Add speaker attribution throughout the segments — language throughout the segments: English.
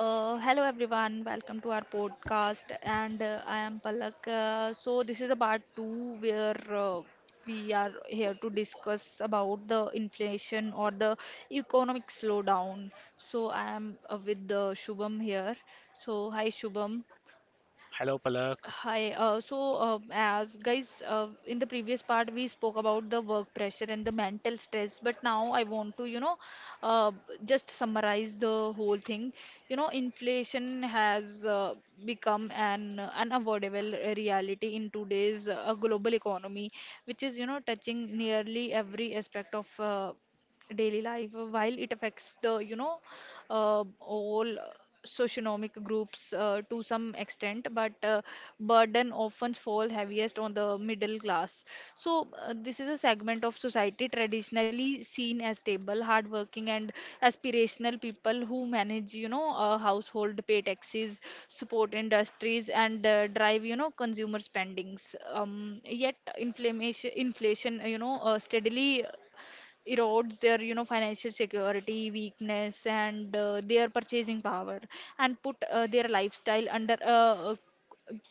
Speaker 1: Hello everyone, welcome to our podcast, and I am Palak. So this is a part two where we are here to discuss about the inflation or the economic slowdown. So I am with Shubham here. So hi Shubham.
Speaker 2: Hello, Palak.
Speaker 1: Hi. So, as guys, in the previous part, we spoke about the work pressure and the mental stress. But now I want to, uh, just summarize the whole thing. You know, inflation has become an unavoidable reality in today's global economy, which is, you know, touching nearly every aspect of daily life. While it affects the, all socioeconomic groups to some extent, but burden often fall heaviest on the middle class. So this is a segment of society traditionally seen as stable, hardworking, and aspirational people who manage, you know, a household, pay taxes, support industries, and drive, you know, consumer spendings. Yet inflation, steadily erodes their, you know, financial security weakness and their purchasing power and put their lifestyle under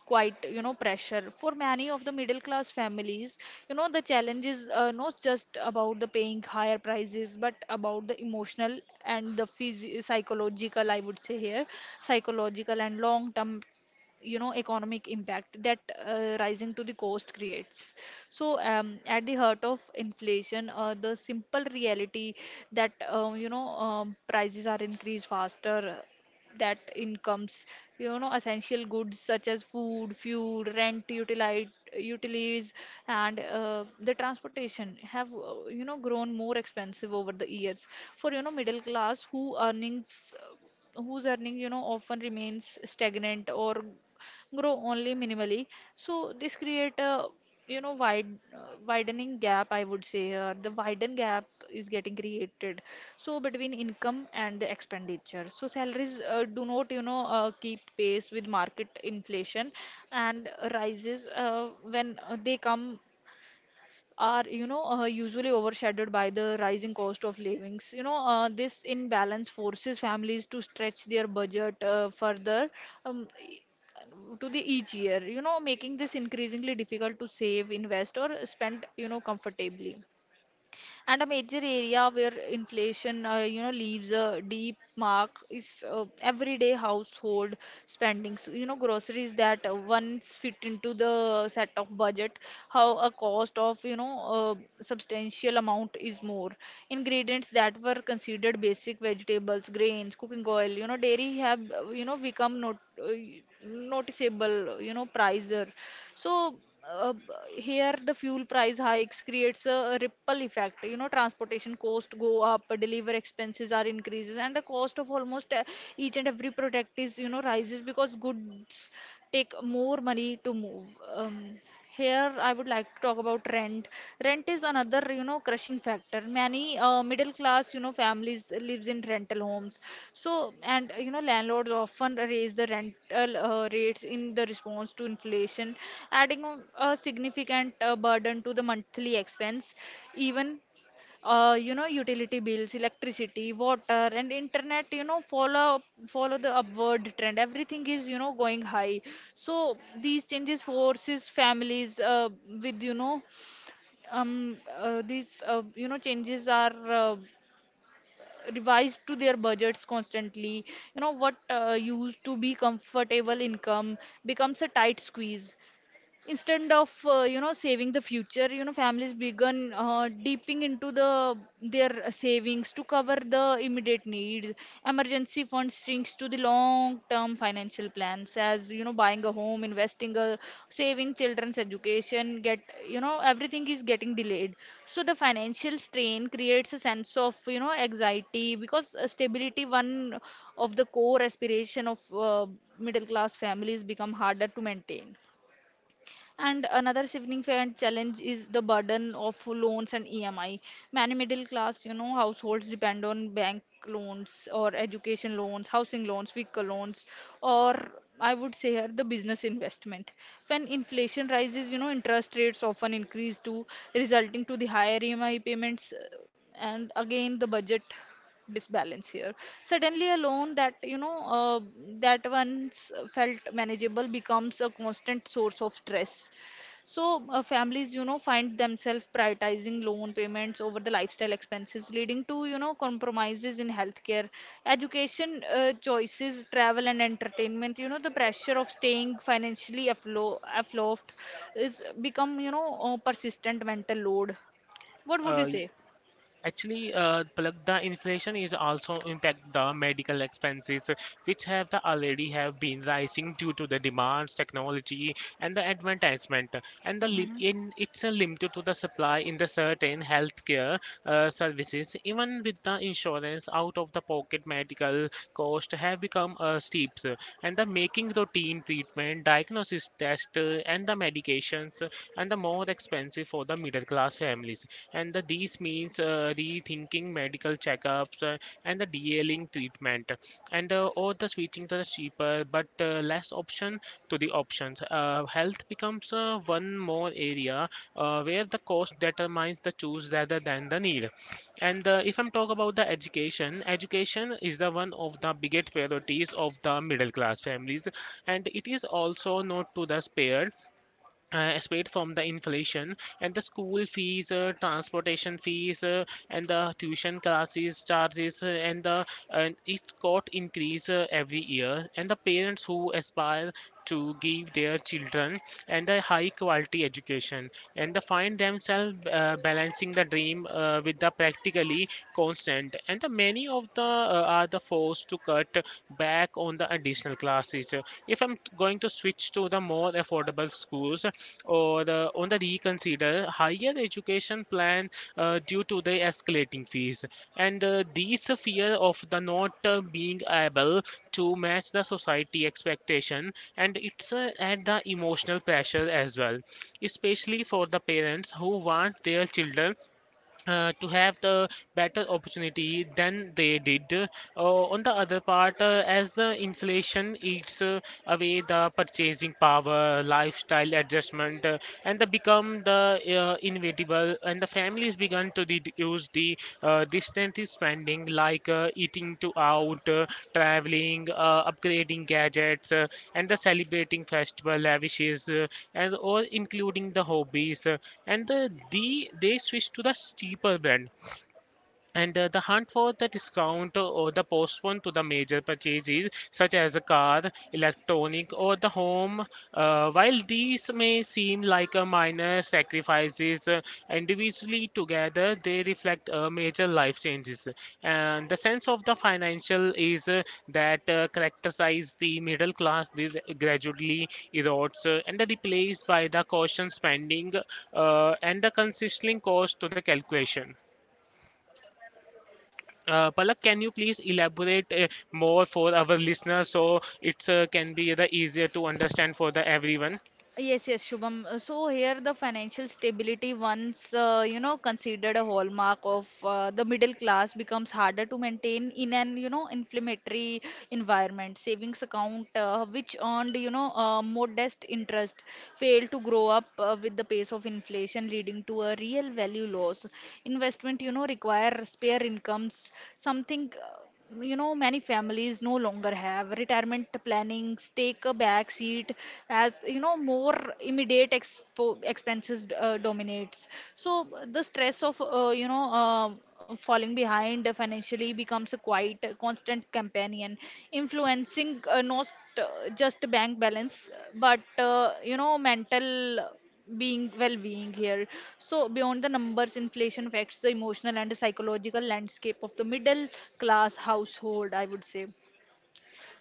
Speaker 1: quite, you know, pressure. For many of the middle class families, you know, the challenge is not just about the paying higher prices but about the emotional and the psychological, I would say here, psychological and long term, you know, economic impact that rising to the cost creates. So at the heart of inflation, the simple reality that, prices are increased faster that incomes. You know, essential goods such as food, fuel, rent, utilities and the transportation have, you know, grown more expensive over the years. For, you know, middle class whose earning, you know, often remains stagnant or grow only minimally. So this create a, you know, uh, widening gap, I would say, the widen gap is getting created, so, between income and the expenditure. So salaries do not, keep pace with market inflation, and rises, when they come are, usually overshadowed by the rising cost of livings. This imbalance forces families to stretch their budget further, um, e- to the each year, you know, making this increasingly difficult to save, invest or spend, you know, comfortably. And a major area where inflation, you know, leaves a deep mark is everyday household spendings. You know, groceries that once fit into the set of budget, how a cost of, you know, a substantial amount is more. Ingredients that were considered basic vegetables, grains, cooking oil, you know, dairy have, you know, become not, noticeable, you know, pricer. So, here the fuel price hikes creates a ripple effect. You know, transportation costs go up, deliver expenses are increases, and the cost of almost, each and every product is, you know, rises, because goods take more money to move. um, here, I would like to talk about rent. Rent is another, you know, crushing factor. Many middle class, you know, families lives in rental homes. So, and, you know, landlords often raise the rental rates in the response to inflation, adding a significant burden to the monthly expense. Even, you know, utility bills, electricity, water and internet, you know, follow the upward trend, everything is, you know, going high. So these changes forces families, with you know these, you know, changes are, uh, revised to their budgets constantly. You know, what used to be comfortable income becomes a tight squeeze. Instead of, you know, saving the future, you know, families began dipping into the their savings to cover the immediate needs. Emergency funds sinks to the long term financial plans as, you know, buying a home, investing a, saving children's education, get, you know, everything is getting delayed. So the financial strain creates a sense of, you know, anxiety, because stability, one of the core aspiration of middle class families, become harder to maintain. And another significant challenge is the burden of loans and EMI. Many middle class, you know, households depend on bank loans or education loans, housing loans, vehicle loans, or I would say here the business investment. When inflation rises, you know, interest rates often increase too, resulting to the higher EMI payments, and again the budget disbalance here. Suddenly a loan that, that once felt manageable becomes a constant source of stress. So families, you know, find themselves prioritizing loan payments over the lifestyle expenses, leading to, you know, compromises in healthcare, education choices, travel and entertainment. You know, the pressure of staying financially afloat is become, you know, a persistent mental load. What would you
Speaker 2: Uh,
Speaker 1: say?
Speaker 2: actually, Palak, the inflation is also impact the medical expenses, which have the already have been rising due to the demands, technology, and the advertisement, and the
Speaker 1: Hmm.
Speaker 2: in it's a limited to the supply in the certain healthcare services. Even with the insurance, out of the pocket medical cost have become steep, and the making routine treatment, diagnosis test, and the medications and the more expensive for the middle class families. And the, these means rethinking medical checkups and the dealing treatment, and or the switching to the cheaper but less option to the options. Health becomes one more area where the cost determines the choose rather than the need. And if I'm talk about the education, education is the one of the biggest priorities of the middle class families, and it is also not to the spared aside from the inflation and the school fees, transportation fees, and the tuition classes charges, and the and it got increase every year. And the parents who aspire to give their children and a high quality education and they find themselves balancing the dream with the practically constant and the many of the are the forced to cut back on the additional class teacher. If I'm going to switch to the more affordable schools or the, on the reconsider higher education plan due to the escalating fees and these fear of the not being able to match the society expectation and it's at the emotional pressure as well especially for the parents who want their children to have the better opportunity than they did. On the other part, as the inflation eats away the purchasing power, lifestyle adjustment, and they become the inevitable, and the families begun to reduce the distant spending like eating to out, traveling, upgrading gadgets, and the celebrating festival lavishes, and all including the hobbies. And the they switch to the cheaper brand and the hunt for the discount or the postpone to the major purchases, such as a car, electronic, or the home, while these may seem like a minor sacrifices, individually together they reflect major life changes. And the sense of the financial is that characterizes the middle class this gradually erodes and replaced by the caution spending and the consistent cost to the calculation. Palak, can you please elaborate more for our listeners so it can be the easier to understand for the everyone?
Speaker 1: Yes, yes, Shubham. So here the financial stability, once you know, considered a hallmark of the middle class, becomes harder to maintain in an, you know, inflammatory environment. Savings account, which earned, modest interest, failed to grow up with the pace of inflation, leading to a real value loss. Investment, you know, require spare incomes, something you know, many families no longer have. Retirement plannings take a back seat, as, you know, more immediate expenses dominates. So the stress of, falling behind financially becomes a quite constant companion, influencing, not, just bank balance, but, you know, mental being well-being here. So beyond the numbers, inflation affects the emotional and psychological landscape of the middle class household, I would say.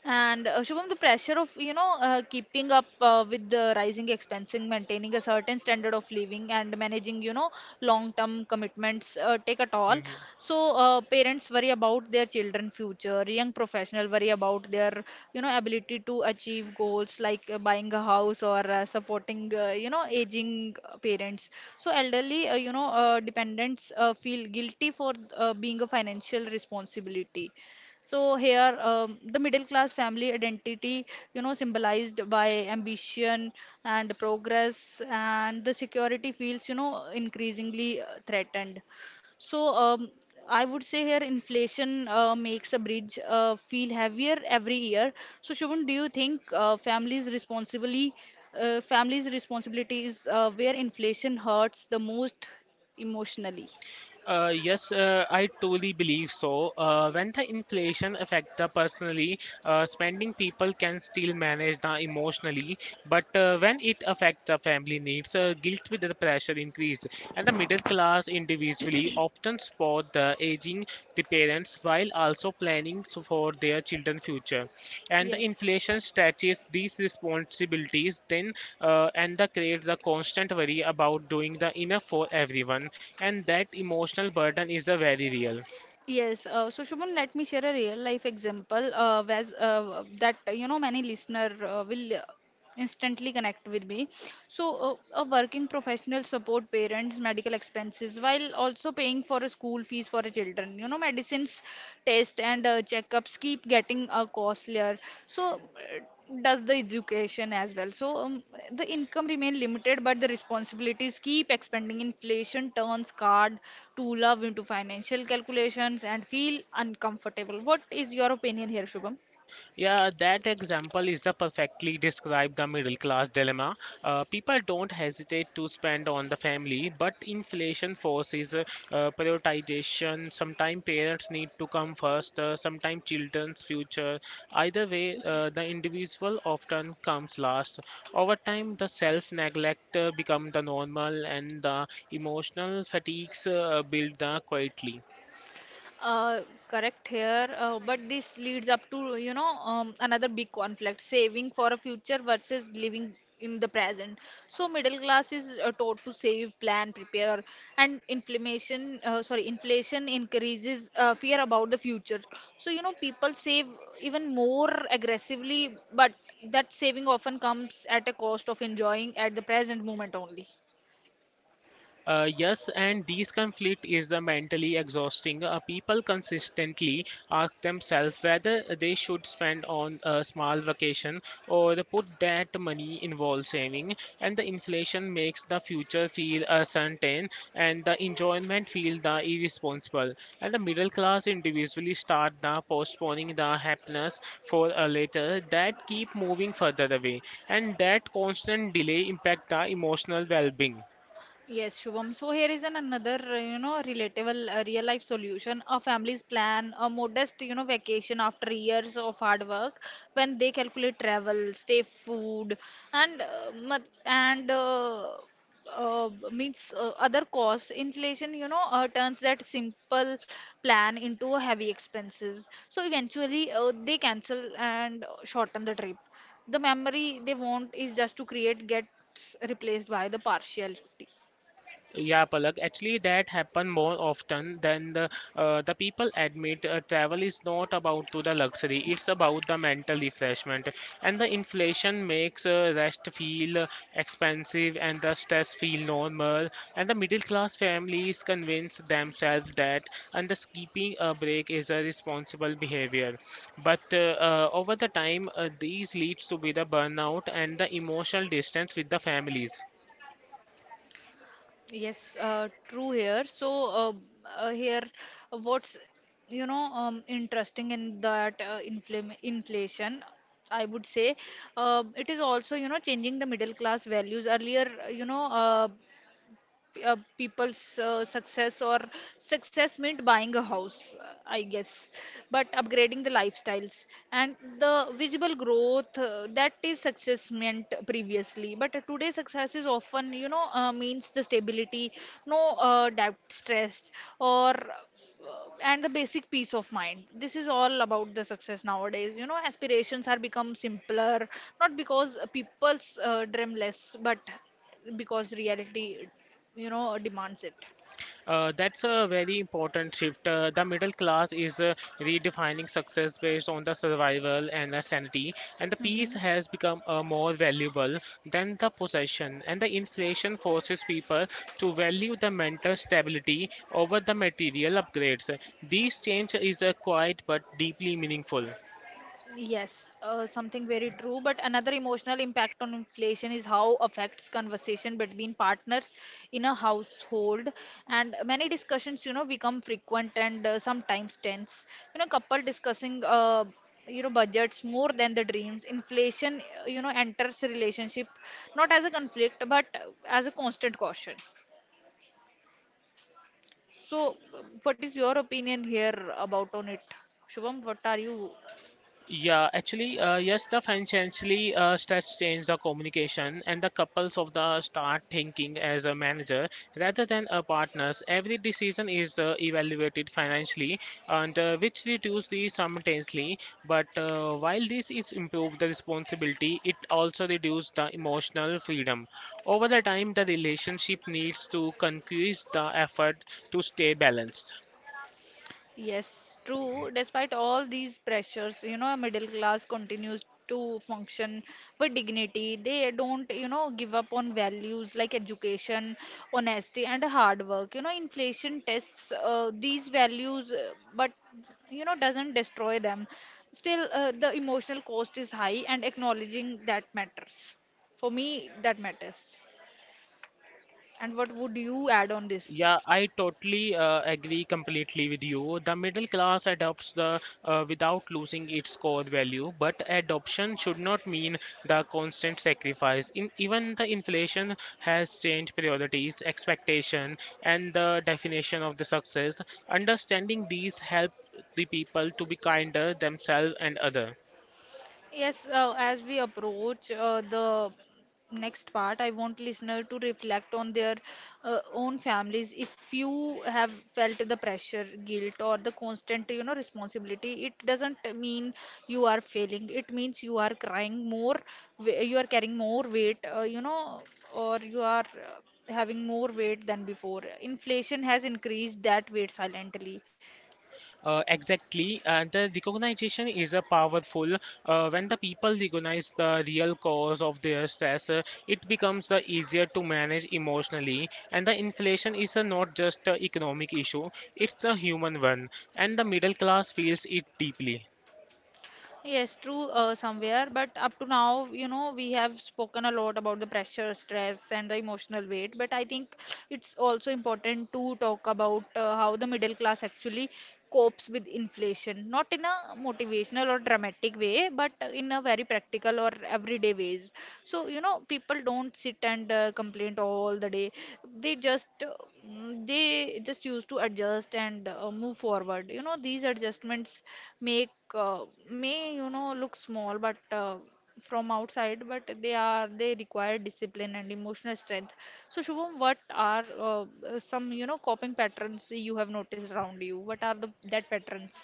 Speaker 1: And Shubham, the pressure of, keeping up with the rising expenses, maintaining a certain standard of living, and managing, you know, long-term commitments, take a toll.
Speaker 2: Mhm.
Speaker 1: So parents worry about their children' future. Young professional worry about their, you know, ability to achieve goals like buying a house or supporting, you know, aging parents. So elderly, dependents feel guilty for being a financial responsibility. So here, the middle class family identity, you know, symbolized by ambition and progress, and the security feels, you know, increasingly threatened. So I would say here, inflation makes a bridge feel heavier every year. So Shubham, do you think, families' responsibility is where inflation hurts the most emotionally?
Speaker 2: Yes, I totally believe so. When the inflation affect the personally spending, people can still manage the emotionally. But when it affect the family needs, guilt with the pressure increase, and the middle class individually often support the aging the parents while also planning so for their children future. And the
Speaker 1: Yes.
Speaker 2: inflation stretches these responsibilities then, and the creates the constant worry about doing the enough for everyone and that emotional burden is a very real.
Speaker 1: Yes, so Shubham, let me share a real life example, whereas, that you know, many listener will, instantly connect with me. So, a working professional support parents' medical expenses while also paying for a school fees for a children. You know, medicines, test and checkups keep getting costlier. So, does the education as well. So the income remain limited, but the responsibilities keep expanding. Inflation turns card to love into financial calculations and feel uncomfortable. What is your opinion here, Shubham?
Speaker 2: Yeah, that example is the perfectly describe the middle class dilemma. People don't hesitate to spend on the family, but inflation forces prioritization. Sometimes parents need to come first, sometimes children's future. Either way, the individual often comes last. Over time, the self-neglect become the normal, and the emotional fatigues build quietly.
Speaker 1: Uh, correct here, but this leads up to, another big conflict, saving for a future versus living in the present. So middle class is taught to save, plan, prepare, and inflation increases fear about the future. So, you know, people save even more aggressively, but that saving often comes at a cost of enjoying at the present moment only.
Speaker 2: Yes, and this conflict is the mentally exhausting. People consistently ask themselves whether they should spend on a small vacation or the put that money involves saving, and the inflation makes the future feel uncertain and the enjoyment feel the irresponsible. And the middle class individually start the postponing the happiness for a later that keep moving further away, and that constant delay impact the emotional well-being.
Speaker 1: Yes, Shubham. So here is an another, you know, relatable real life solution. A family's plan, a modest, you know, vacation after years of hard work, when they calculate travel, stay, food, and mat- and means other costs. Inflation, turns that simple plan into heavy expenses. So eventually, they cancel and shorten the trip. The memory they want is just to create gets replaced by the partiality.
Speaker 2: Yeah, Palak. Actually, that happen more often than the people admit. Travel is not about to the luxury; it's about the mental refreshment. And the inflation makes rest feel expensive and the stress feel normal. And the middle class families convince themselves that and the skipping a break is a responsible behavior. But over the time, these leads to be the burnout and the emotional distance with the families.
Speaker 1: Yes, true here. So uh, here, what's, interesting in that, inflame inflation, I would say, it is also, you know, changing the middle class values. Earlier, people's success meant buying a house, I guess, but upgrading the lifestyles and the visible growth, that is success meant previously. But today success is often, means the stability, no doubt stress, or and the basic peace of mind. This is all about the success nowadays. You know, aspirations are become simpler, not because people's dream less, but because reality, you know, demands it.
Speaker 2: That's a very important shift. The middle class is redefining success based on the survival and the sanity, and the peace
Speaker 1: Hmm.
Speaker 2: has become more valuable than the possession. And the inflation forces people to value the mental stability over the material upgrades. These change is quiet but deeply meaningful.
Speaker 1: Yes, something very true. But another emotional impact on inflation is how affects conversation between partners in a household. And many discussions, you know, become frequent and sometimes tense. You know, couple discussing, you know, budgets more than the dreams. Inflation, you know, enters relationship not as a conflict but as a constant caution. So, what is your opinion here about on it, Shubham? What are you?
Speaker 2: Yes, the financially stress change the communication and the couples of the start thinking as a manager rather than a partners. Every decision is evaluated financially and which reduce the simultaneously. But while this is improve the responsibility, it also reduce the emotional freedom. Over the time, the relationship needs to increase the effort to stay balanced.
Speaker 1: Yes, true. Despite all these pressures, you know, a middle class continues to function with dignity. They don't, you know, give up on values like education, honesty, and hard work. You know, inflation tests these values, but you know, doesn't destroy them. Still, the emotional cost is high, and acknowledging that matters. For me, that matters. And what would you add on this?
Speaker 2: Yeah, I totally agree completely with you. The middle class adopts the without losing its core value, but adoption should not mean the constant sacrifice. In even the inflation has changed priorities, expectation, and the definition of the success. Understanding these help the people to be kinder themselves and other.
Speaker 1: Yes, as we approach the next part, I want listener to reflect on their own families. If you have felt the pressure, guilt, or the constant, you know, responsibility, it doesn't mean you are failing. It means you are crying more, you are carrying more weight, you know, or you are having more weight than before. Inflation has increased that weight silently.
Speaker 2: Exactly, and the recognition is a powerful. When the people recognize the real cause of their stress, it becomes easier to manage emotionally. And the inflation is not just an economic issue; it's a human one, and the middle class feels it deeply.
Speaker 1: Yes, true, somewhere, but up to now, you know, we have spoken a lot about the pressure, stress, and the emotional weight. But I think it's also important to talk about how the middle class actually copes with inflation, not in a motivational or dramatic way, but in a very practical or everyday ways. So, you know, people don't sit and complain, oh, all the day they just they just used to adjust and move forward. You know, these adjustments make uh, may you know look small but from outside, but they require discipline and emotional strength. So, Shubham, what are some, you know, coping patterns you have noticed around you? What are the that patterns?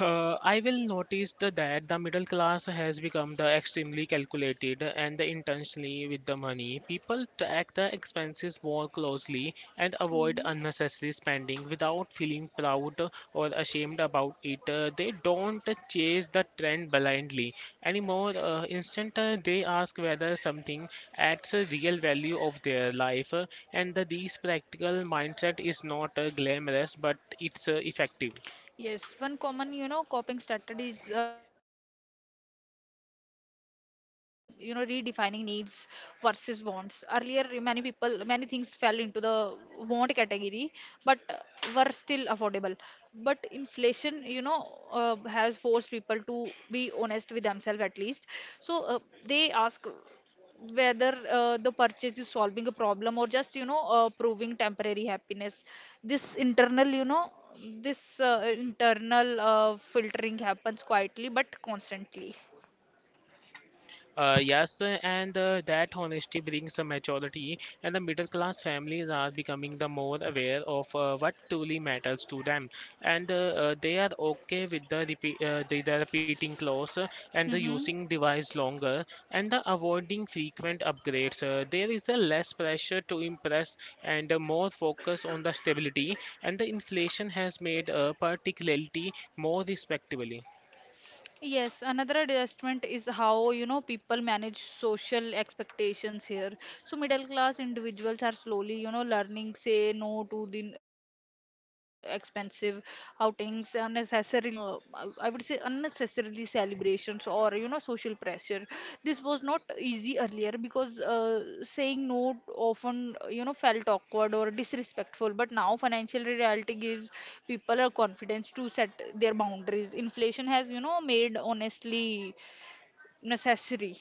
Speaker 2: I will notice that the middle class has become the extremely calculated and the intentionally with the money. People track the expenses more closely and avoid unnecessary spending without feeling proud or ashamed about it. They don't chase the trend blindly anymore. Instant, they ask whether something adds a real value of their life, and this practical mindset is not glamorous but it's effective.
Speaker 1: Yes, one common, you know, coping strategy is, you know, redefining needs versus wants. Earlier, many people, many things fell into the want category, but were still affordable. But inflation, you know, has forced people to be honest with themselves at least. So they ask, whether the purchase is solving a problem or just, you know, proving temporary happiness. This internal, you know, this internal filtering happens quietly but constantly.
Speaker 2: Yes, and that honesty brings a maturity, and the middle class families are becoming the more aware of what truly matters to them, and they are okay with repeat, the repeating clause and the
Speaker 1: Mm-hmm.
Speaker 2: using device longer and the avoiding frequent upgrades. There is a less pressure to impress and more focus on the stability, and the inflation has made particularity more respectable.
Speaker 1: Yes, another adjustment is how, you know, people manage social expectations here. So middle class individuals are slowly, you know, learning say no to the expensive outings, unnecessarily, I would say unnecessarily celebrating expectations or, you know, social pressure. This was not easy earlier because saying no often, you know, felt awkward or disrespectful, but now financial reality gives people a confidence to set their boundaries. Inflation has, you know, made honestly necessary,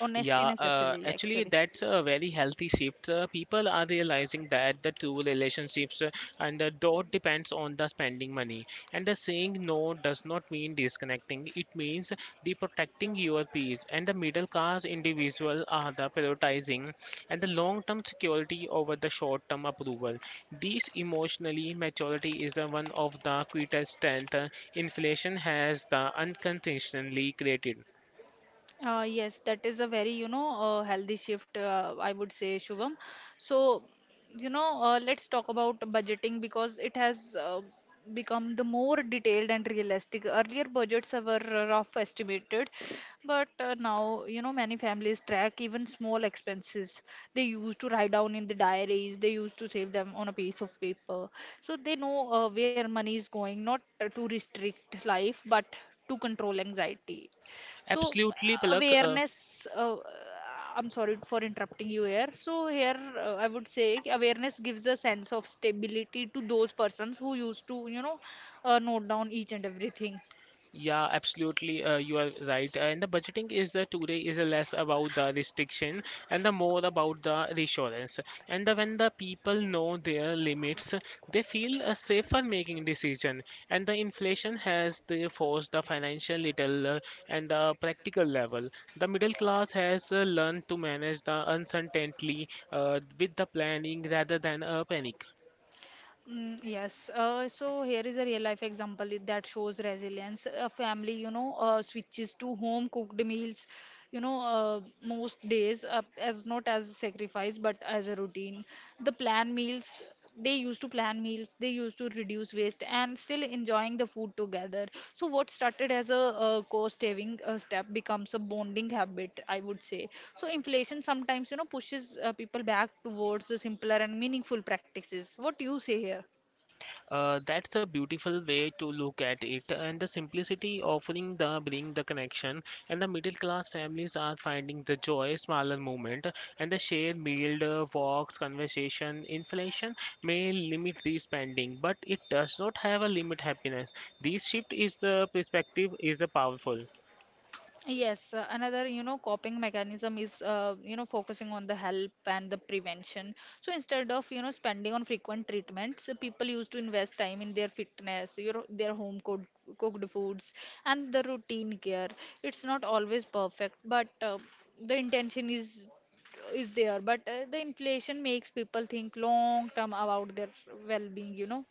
Speaker 1: honesty
Speaker 2: Yeah, uh,
Speaker 1: necessarily
Speaker 2: actually,
Speaker 1: actually.
Speaker 2: that's a very healthy shift. People are realizing that the two relationships and the dot depends on the spending money. And the saying no does not mean disconnecting. It means the protecting your peace. And the middle class individual are the prioritizing and the long-term security over the short-term approval. This emotionally maturity is the one of the greatest strength inflation has the unconditionally created.
Speaker 1: Yes, that is a very, you know, healthy shift, I would say, Shubham. So, you know, let's talk about budgeting because it has become the more detailed and realistic. Earlier, budgets were rough estimated, but now, you know, many families track even small expenses. They used to write down in the diaries, they used to save them on a piece of paper. So they know where money is going, not to restrict life, but to control anxiety. So
Speaker 2: Absolutely, Palak.
Speaker 1: awareness, I'm sorry for interrupting you here. So here I would say awareness gives a sense of stability to those persons who used to, you know, note down each and everything.
Speaker 2: Yeah, absolutely. You are right. And the budgeting is today is less about the restriction and the more about the reassurance. And the, when the people know their limits, they feel safer making decision. And the inflation has the forced the financial little and the practical level. The middle class has learned to manage the uncertainty with the planning rather than a panic.
Speaker 1: Mm, yes. So here is a real life example that shows resilience. A family, you know, switches to home cooked meals, you know, most days as not as a sacrifice but as a routine. The plan meals they used to plan on meals, they used to reduce waste and still enjoying the food together. So what started as a, cost saving step becomes a bonding habit, I would say. So inflation sometimes, you know, pushes people back towards the simpler and meaningful practices. What do you say here?
Speaker 2: That's a beautiful way to look at it, and the simplicity offering the bring the connection, and the middle class families are finding the joy, smaller moment, and the shared meal, walks, conversation. Inflation may limit the spending, but it does not have a limit happiness. This shift is the perspective is the powerful.
Speaker 1: Yes, another, you know, coping mechanism is, you know, focusing on the help and the prevention. So instead of, you know, spending on frequent treatments, people used to invest time in their fitness, you know, their home cooked, cooked foods, and the routine care. It's not always perfect, but the intention is there. But the inflation makes people think long term about their well-being, you know.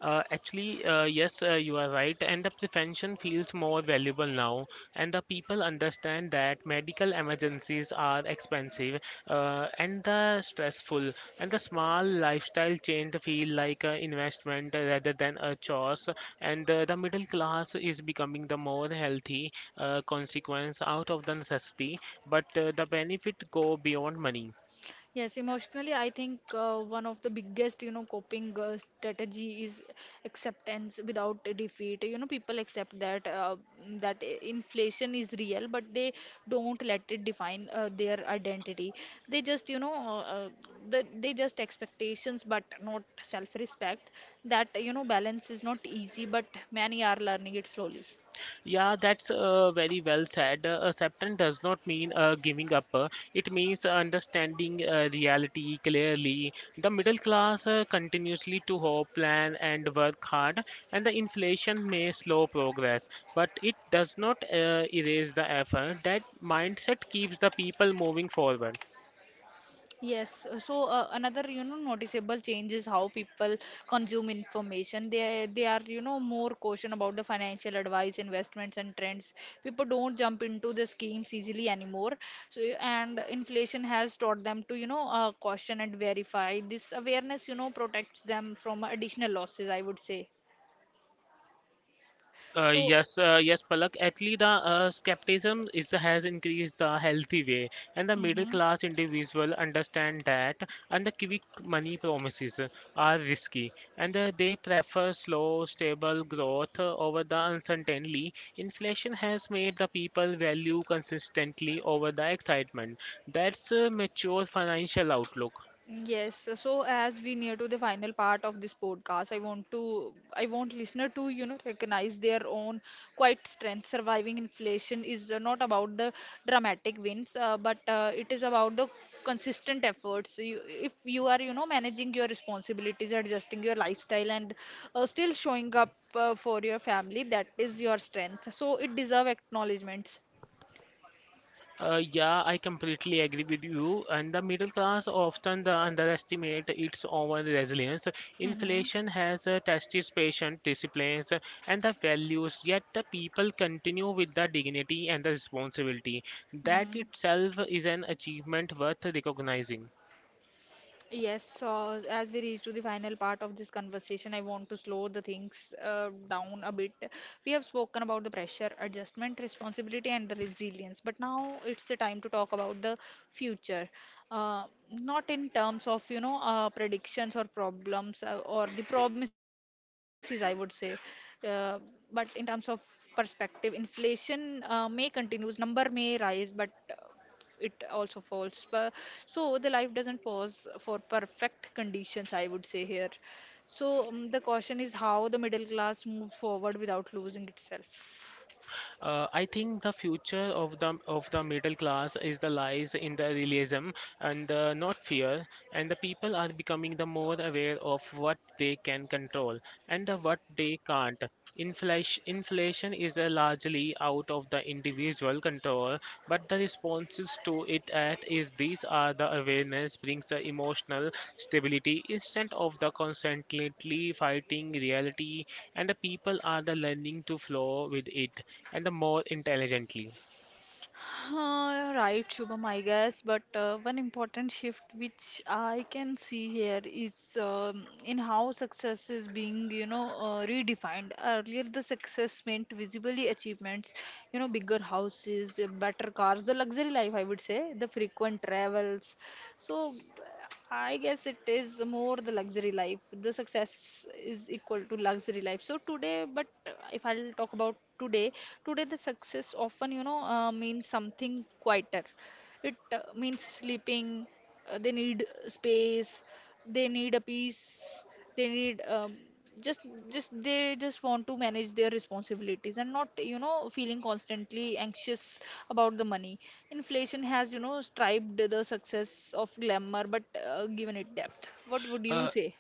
Speaker 2: Actually, you are right, and the prevention feels more valuable now, and the people understand that medical emergencies are expensive and the stressful, and the small lifestyle change feel like an investment rather than a chore. And the middle class is becoming the more healthy consequence out of the necessity, but the benefit go beyond money.
Speaker 1: Yes, emotionally, I think one of the biggest, you know, coping strategy is acceptance without a defeat. You know, people accept that inflation is real, but they don't let it define their identity. They just, you know, they just expectations, but not self-respect. That, you know, balance is not easy, but many are learning it slowly.
Speaker 2: Yeah, that's very well said. Acceptance does not mean giving up. It means understanding reality clearly. The middle class continuously to hope, plan, and work hard, and the inflation may slow progress, but it does not erase the effort. That mindset keeps the people moving forward.
Speaker 1: Yes, so another, you know, noticeable change is how people consume information. They are, you know, more caution about the financial advice, investments, and trends. People don't jump into the schemes easily anymore. So and inflation has taught them to, you know, caution and verify. This awareness, you know, protects them from additional losses, I would say.
Speaker 2: Uh,
Speaker 1: So.
Speaker 2: yes, uh, yes, Palak. Actually, the skepticism is has increased the healthy way, and the middle
Speaker 1: Mhm.
Speaker 2: class individual understand that and the quick money promises are risky, and they prefer slow, stable growth over the uncertainty. Inflation has made the people value consistently over the excitement. That's a mature financial outlook.
Speaker 1: Yes, so as we near to the final part of this podcast, I want listener to, you know, recognize their own quiet strength. Surviving inflation is not about the dramatic wins, but it is about the consistent efforts. You, if you are, you know, managing your responsibilities, adjusting your lifestyle, and still showing up for your family, that is your strength. So it deserve acknowledgments.
Speaker 2: Yeah, I completely agree with you. And the middle class often the underestimate its own resilience.
Speaker 1: Mm-hmm.
Speaker 2: Inflation has tested patient disciplines and the values, yet the people continue with the dignity and the responsibility. That
Speaker 1: Mm-hmm.
Speaker 2: itself is an achievement worth recognizing.
Speaker 1: Yes, so as we reach to the final part of this conversation, I want to slow the things down a bit. We have spoken about the pressure, adjustment, responsibility, and the resilience, but now it's the time to talk about the future. Uh, Not in terms of, you know, predictions or problems or the promises, I would say, uh, but in terms of perspective, inflation may continues, number may rise, but it also falls. But so the life doesn't pause for perfect conditions, I would say here. So the question is how the middle class moves forward without losing itself.
Speaker 2: I think the future of the middle class is the lies in the realism and not fear, and the people are becoming the more aware of what they can control and the what they can't. Inflation is largely out of the individual control but the responses to it at is these are the awareness brings the emotional stability instead of the constantly fighting reality and the people are the learning to flow with it and the more intelligently.
Speaker 1: Right, Shubham, I guess. But one important shift which I can see here is in how success is being, you know, redefined. Earlier, the success meant visibly achievements, you know, bigger houses, better cars, the luxury life, I would say, the frequent travels. So I guess it is more the luxury life. The success is equal to luxury life. So today, but if I'll talk about today, today the success often, you know, means something quieter. It means sleeping. They need space. They need a peace, they need just they just want to manage their responsibilities and not, you know, feeling constantly anxious about the money. Inflation has, you know, striped the success of glamour but given it depth. What would you
Speaker 2: Uh,
Speaker 1: say?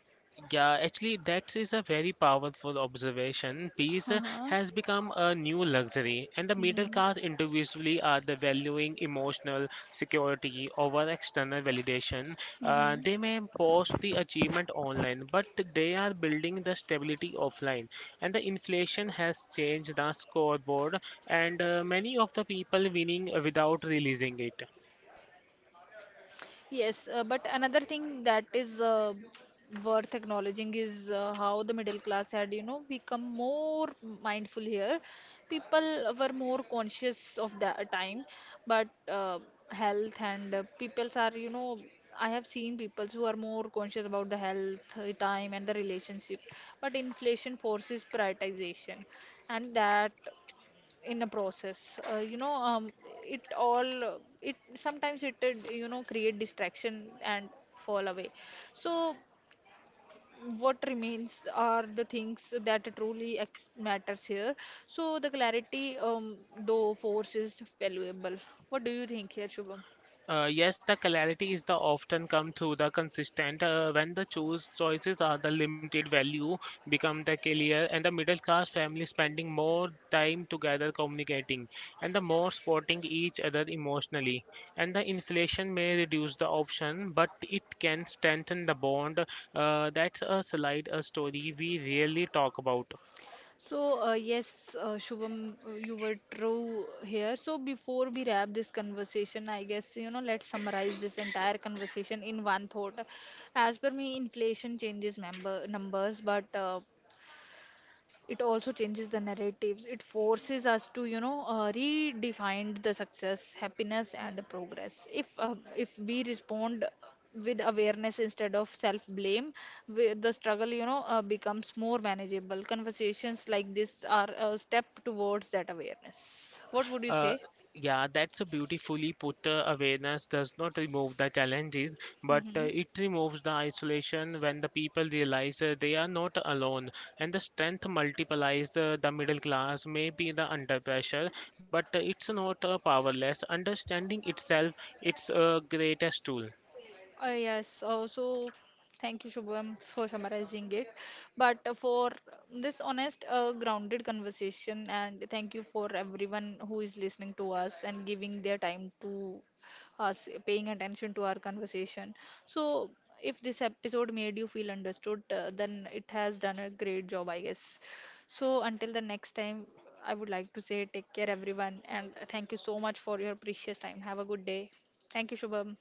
Speaker 2: Yeah, actually, that is a very powerful observation. Peace
Speaker 1: Uh-huh.
Speaker 2: has become a new luxury, and the middle
Speaker 1: Mm-hmm.
Speaker 2: class individually are the valuing emotional security over external validation.
Speaker 1: Mm-hmm.
Speaker 2: They may post the achievement online, but they are building the stability offline. And the inflation has changed the scoreboard, and many of the people winning without releasing it.
Speaker 1: Yes, but another thing that is worth acknowledging is how the middle class had, you know, become more mindful here. People were more conscious of that time, but health and peoples are, you know, I have seen people who are more conscious about the health, time, and the relationship. But inflation forces prioritization, and that in a process you know it sometimes it did, you know, create distraction and fall away. So what remains are the things that truly matters here. So the clarity, though force, is valuable. What do you think here, Shubham?
Speaker 2: Yes, the clarity is the often come through the consistent when the choose choices are the limited value become the clear and the middle class family spending more time together communicating and the more supporting each other emotionally and the inflation may reduce the option but it can strengthen the bond. That's a slide a story we rarely talk about.
Speaker 1: So, yes, Shubham, you were true here. So, before we wrap this conversation, I guess, you know, let's summarize this entire conversation in one thought. As per me, inflation changes member numbers, but it also changes the narratives. It forces us to, you know, redefine the success, happiness, and the progress. If if we respond with awareness instead of self blame, the struggle, you know, becomes more manageable. Conversations like this are a step towards that awareness. What would you
Speaker 2: Uh,
Speaker 1: say?
Speaker 2: yeah, that's a beautifully put awareness does not remove the challenges, but
Speaker 1: Hmm.
Speaker 2: it removes the isolation when the people realize they are not alone. And the strength multiplies the middle class may be the under pressure, but it's not powerless. Understanding itself, it's a greatest tool.
Speaker 1: Yes, so thank you, Shubham, for summarizing it. But for this honest, grounded conversation, and thank you for everyone who is listening to us and giving their time to us, paying attention to our conversation. So, if this episode made you feel understood, then it has done a great job, I guess. So, until the next time, I would like to say take care, everyone, and thank you so much for your precious time. Have a good day. Thank you, Shubham.